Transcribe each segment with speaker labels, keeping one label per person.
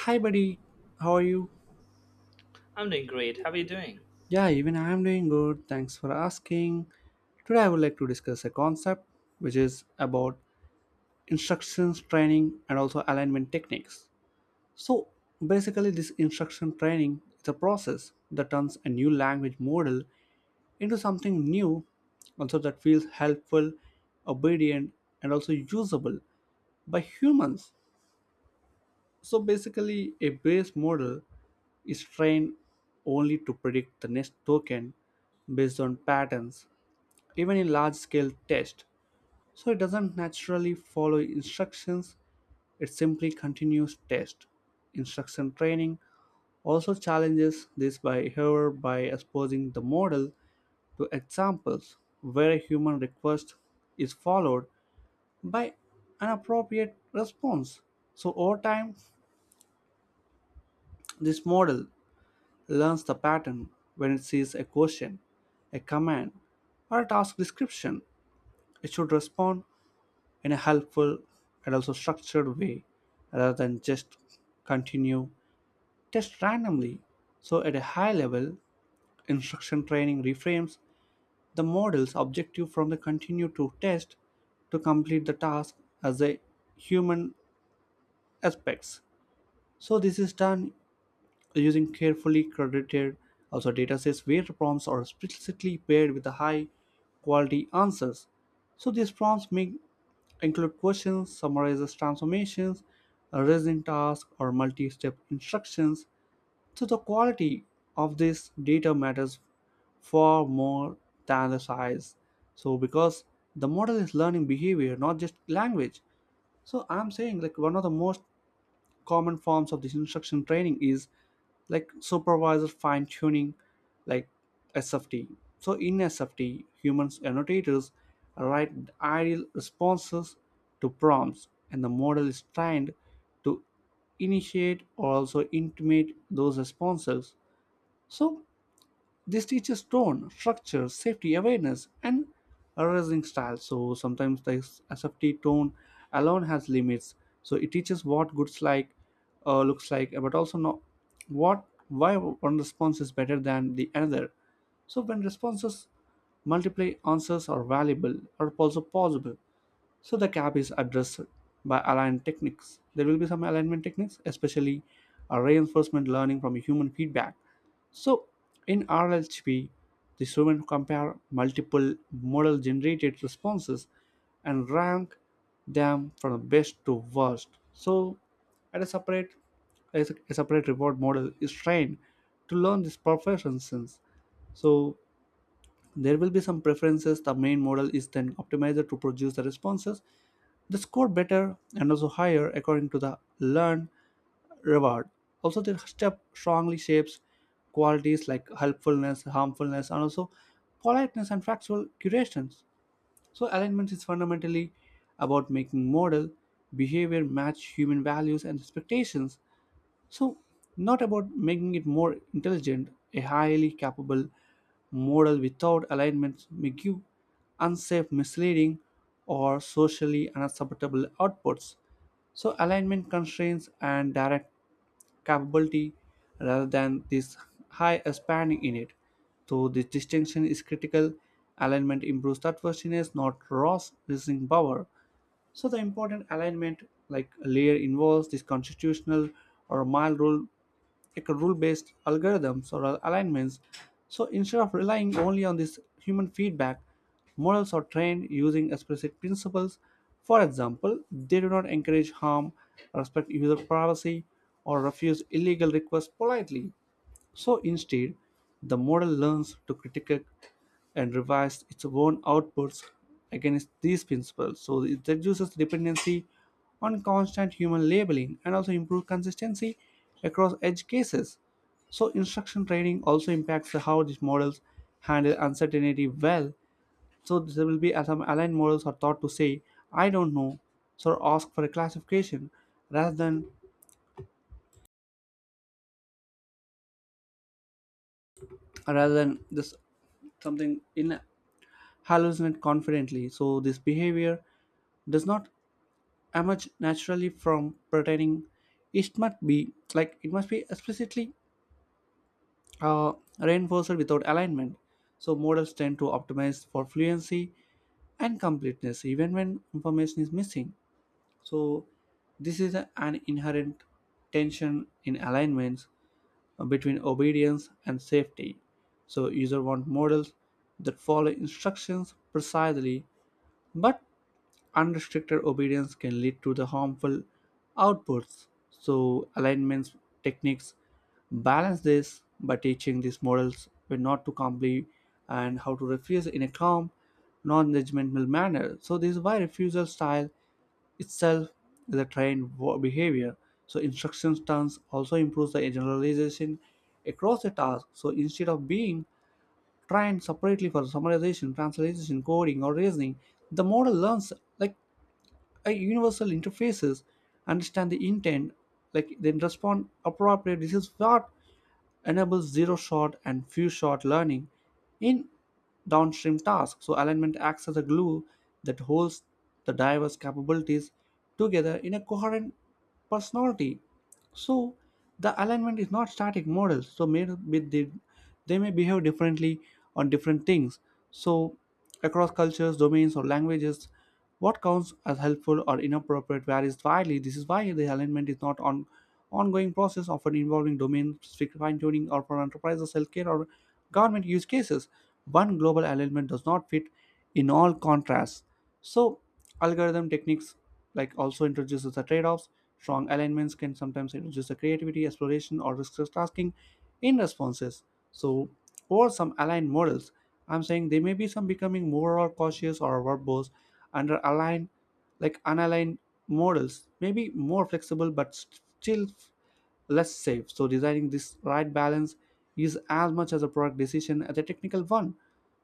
Speaker 1: Hi, buddy. How are you?
Speaker 2: I'm doing great. How are you doing?
Speaker 1: Yeah, even I am doing good. Thanks for asking. Today, I would like to discuss a concept which is about instructions training and also alignment techniques. So, basically, this instruction training is a process that turns a new language model into something new, also that feels helpful, obedient, and also usable by humans. So basically, a base model is trained only to predict the next token based on patterns, even in large scale tests. So it doesn't naturally follow instructions, it simply continues test. Instruction training also challenges this behavior by exposing the model to examples where a human request is followed by an appropriate response. So over time, this model learns the pattern when it sees a question, a command, or a task description. It should respond in a helpful and also structured way rather than just continue test randomly. So, at a high level, instruction training reframes the model's objective from the continue to test to complete the task as a human aspects. So, this is done using carefully curated also datasets where prompts are explicitly paired with the high quality answers. So these prompts may include questions, summarizes transformations, a resin task, or multi-step instructions. So the quality of this data matters far more than the size. So because the model is learning behavior, not just language. So I'm saying like one of the most common forms of this instruction training is like supervisor fine tuning like SFT. So in SFT humans annotators write ideal responses to prompts and the model is trained to initiate or also intimate those responses. So this teaches tone, structure, safety awareness, and arising style. So sometimes the safety tone alone has limits. So it teaches what goods like looks like, but also not what why one response is better than the another. So when responses multiply answers are valuable or also possible. So the gap is addressed by aligned techniques. There will be some alignment techniques, especially reinforcement learning from human feedback. So in RLHP, the student compare multiple model generated responses and rank them from the best to worst. So at a separate a separate reward model is trained to learn this perfection sense. So there will be some preferences. The main model is then optimized to produce the responses they score better and also higher according to the learned reward. Also, their step strongly shapes qualities like helpfulness, harmfulness, and also politeness and factual curations. So, alignment is fundamentally about making model behavior match human values and expectations, so not about making it more intelligent. A highly capable model without alignments may give unsafe, misleading, or socially unacceptable outputs. So, alignment constraints and direct capability rather than this high spanning in it. So, this distinction is critical. Alignment improves trustworthiness, not raw reasoning power. So the important alignment like layer involves this constitutional or mile rule like a rule-based algorithms or alignments. So instead of relying only on this human feedback, models are trained using explicit principles. For example, they do not encourage harm, respect user privacy, or refuse illegal requests politely. So instead, the model learns to critique and revise its own outputs against these principles. So it reduces dependency on constant human labeling and also improve consistency across edge cases. So instruction training also impacts how these models handle uncertainty well. So there will be some aligned models are taught to say, I don't know, so ask for a classification rather than rather than this something in hallucinate confidently. So this behavior does not emerge naturally from pretending. It must be explicitly uh, reinforced without alignment. So models tend to optimize for fluency and completeness even when information is missing. So this is an inherent tension in alignments between obedience and safety. So user want models that follow instructions precisely but unrestricted obedience can lead to the harmful outputs. So alignment techniques balance this by teaching these models when not to comply and how to refuse in a calm, non-judgmental manner. So this is why refusal style itself is a trained behavior. So instruction stance also improves the generalization across a task. So instead of being trained separately for summarization, translation, coding, or reasoning, the model learns like universal interfaces, understand the intent like then respond appropriately. This is what enables zero shot and few shot learning in downstream tasks. So alignment acts as a glue that holds the diverse capabilities together in a coherent personality. So the alignment is not static models. So maybe they may behave differently on different things. So across cultures, domains, or languages, what counts as helpful or inappropriate varies widely. This is why the alignment is not on ongoing process, often involving domain-specific fine-tuning or for enterprises, healthcare, or government use cases. One global alignment does not fit in all contrasts. So algorithm techniques like also introduces the trade-offs. Strong alignments can sometimes introduce the creativity exploration or risk tasking in responses. So or some aligned models, I'm saying they may be some becoming more or cautious or verbose under aligned like unaligned models may be more flexible but still less safe. So designing this right balance is as much as a product decision as a technical one.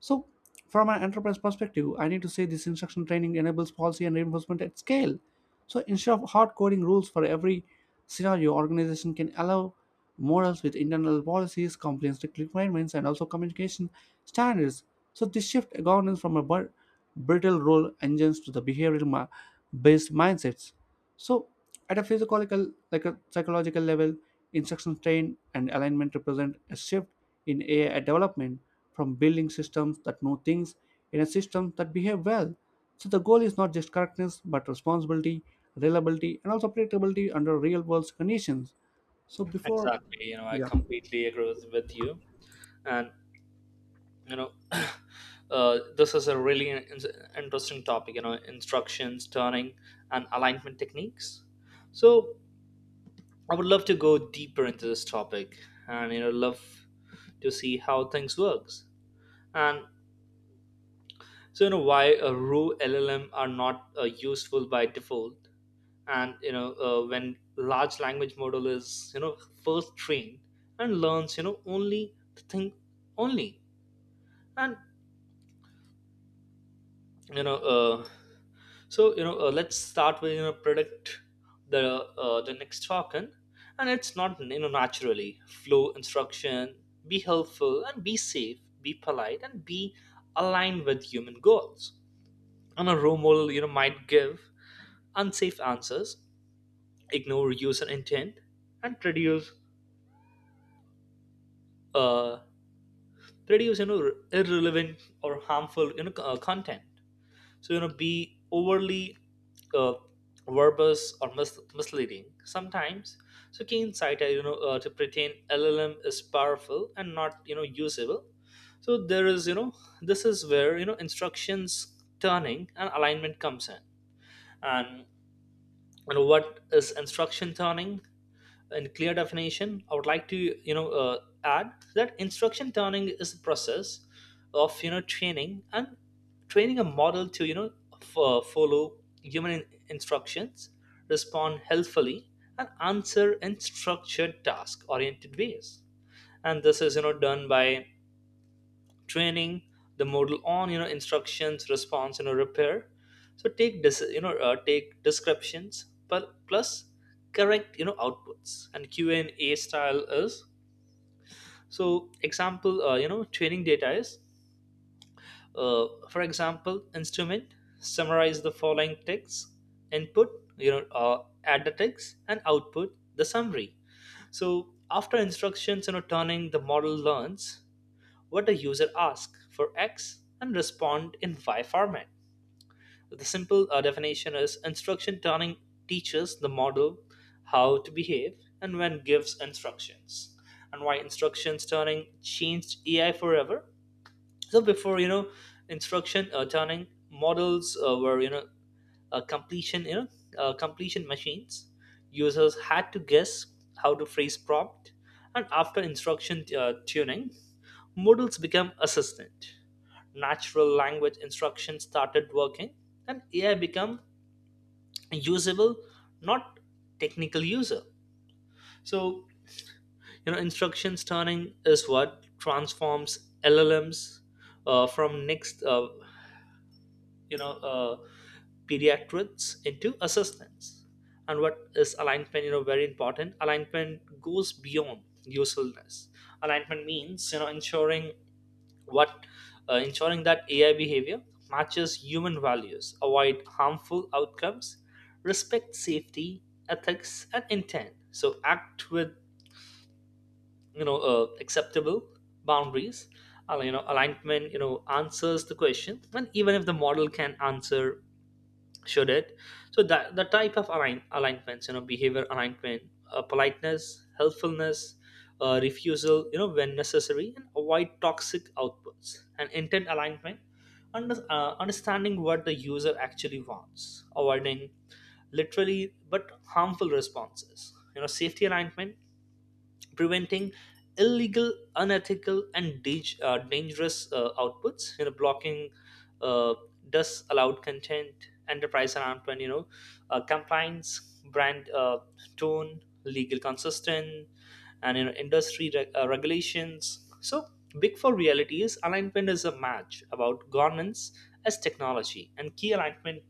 Speaker 1: So from an enterprise perspective, I need to say this instruction training enables policy and reinforcement at scale. So instead of hard coding rules for every scenario, organization can allow models with internal policies, compliance requirements, and also communication standards. So this shift governance from a brittle role engines to the behavioral based mindsets. So at a physiological, like a psychological level, instruction train and alignment represent a shift in AI development from building systems that know things in a system that behave well. So the goal is not just correctness, but responsibility, reliability, and also predictability under real-world conditions. So before
Speaker 2: Exactly. You know, I completely agree with you. And, you know, this is a really interesting topic, you know, instructions, turning, and alignment techniques. So I would love to go deeper into this topic and, you know, love to see how things works. And so you know why raw LLM are not useful by default, and you know when large language model is, you know, first trained and learns, you know, only the thing only And you know let's start with, you know, predict the the next token. And it's not, you know, naturally flow instruction, be helpful and be safe, be polite and be aligned with human goals. And a role model, you know, might give unsafe answers, ignore user intent, and uh, reduce you know irrelevant or harmful, you know, content. So you know be overly uh, verbose or misleading sometimes. So keen insider, you know, to pretend LLM is powerful and not, you know, usable. So there is you know this is where, you know, instructions turning and alignment comes in. And you know what is instruction turning in clear definition, I would like to, you know, add that instruction turning is a process of, you know, training a model to, you know, follow human instructions, respond helpfully, and answer in structured task-oriented ways. And this is, you know, done by training the model on, you know, instructions response, you know, repair. So take this, you know, take descriptions plus correct, you know, outputs and q&a style is. So example you know training data is for example instrument summarize the following text input, you know, add the text and output the summary. So after instructions, you know, turning, the model learns what a user asks for X and respond in Y format. The simple definition is instruction turning teaches the model how to behave and when gives instructions. And why instructions turning changed AI forever? So before, you know, instruction turning models were, you know, uh, completion you know completion machines. Users had to guess how to phrase prompt, and after instruction tuning, models become assistant, natural language instruction started working, and ai become usable, not technical user. So you know instructions turning is what transforms llms from next you know uh, pediatrics into assistants. And what is alignment? You know, very important. Alignment goes beyond usefulness. Alignment means, you know, ensuring what, ensuring that AI behavior matches human values, avoid harmful outcomes, respect safety, ethics, and intent. So act with, you know, acceptable boundaries. You know, alignment. You know, answers the question, and even if the model can answer, should it? So that the type of alignments, you know, behavior alignment, politeness, helpfulness, refusal, you know, when necessary, and avoid toxic outputs. And intent alignment, understanding what the user actually wants, avoiding literally but harmful responses. You know, safety alignment, preventing illegal, unethical, and dangerous outputs, you know, blocking uh, disallowed content. Enterprise announcement, you know, compliance, brand tone, legal consistent, and you know industry regulations. So big four reality is alignment is a match about governance as technology. And key alignment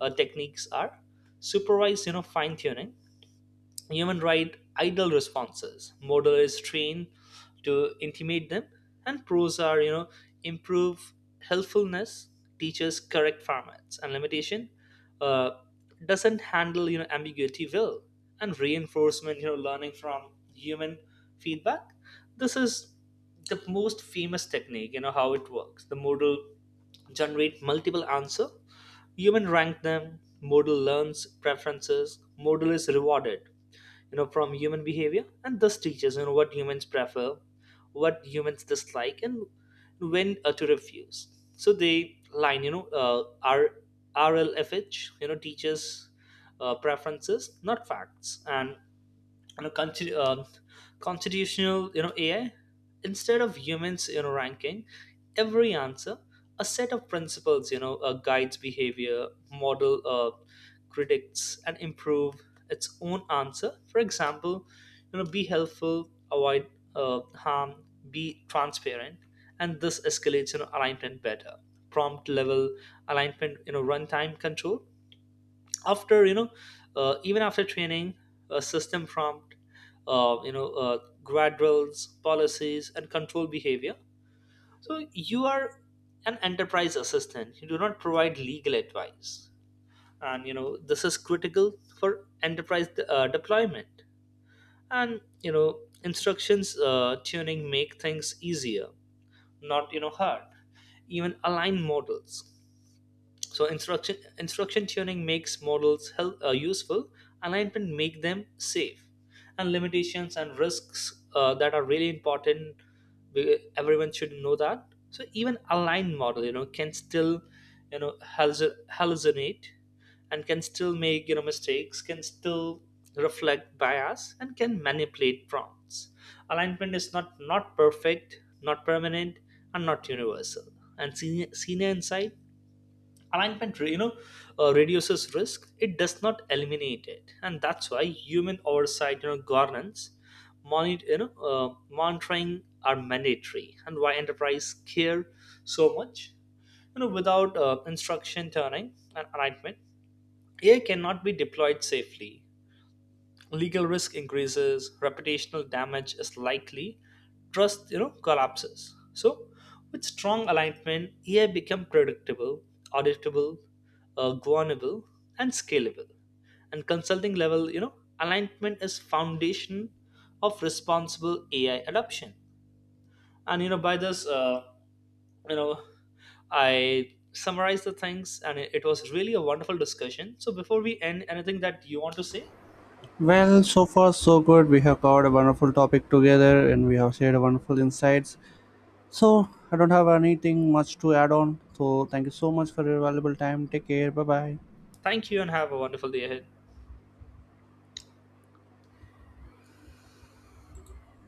Speaker 2: techniques are supervised, you know, fine tuning. Human write idle responses. Modal is trained to intimate them, and pros are, you know, improve helpfulness, teaches correct formats, and limitation uh, doesn't handle, you know, ambiguity well. And reinforcement, you know, learning from human feedback. This is the most famous technique. You know how it works. The modal generate multiple answer. Human rank them. Modal learns preferences. Modal is rewarded, you know, from human behavior, and thus teaches, you know, what humans prefer, what humans dislike, and when to refuse. So they line, you know, RLFH, you know, teaches preferences, not facts. And you know, constitutional, you know, AI, instead of humans, you know, ranking every answer, a set of principles, you know, guides behavior. Model critics and improve its own answer. For example, you know, be helpful, avoid harm, be transparent. And this escalates, you know, alignment better. Prompt level alignment, you know, runtime control after, you know, even after training, a system prompt, you know, guardrails, policies, and control behavior. So you are an enterprise assistant, you do not provide legal advice. And you know this is critical for enterprise deployment. And you know instructions tuning make things easier, not, you know, hard, even align models. So instruction tuning makes models useful, alignment make them safe. And limitations and risks that are really important, everyone should know that. So even aligned model, you know, can still, you know, hallucinate, and can still make, you know, mistakes, can still reflect bias, and can manipulate prompts. Alignment is not perfect, not permanent, and not universal. And senior insight, alignment, you know, reduces risk, it does not eliminate it. And that's why human oversight, you know, governance, monitor you know uh, monitoring are mandatory. And why enterprise care so much, you know, without instruction turning and alignment, ai cannot be deployed safely. Legal risk increases, reputational damage is likely, trust, you know, collapses. So with strong alignment, ai become predictable, auditable, governable, and scalable. And consulting level, you know, alignment is foundation of responsible ai adoption. And you know by this uh, you know, I summarized the things, and it was really a wonderful discussion. So before we end, anything that you want to say?
Speaker 1: well, so far so good. We have covered a wonderful topic together, and we have shared wonderful insights. So I don't have anything much to add on. So thank you so much for your valuable time. Take care. Bye bye.
Speaker 2: Thank you, and have a wonderful day ahead.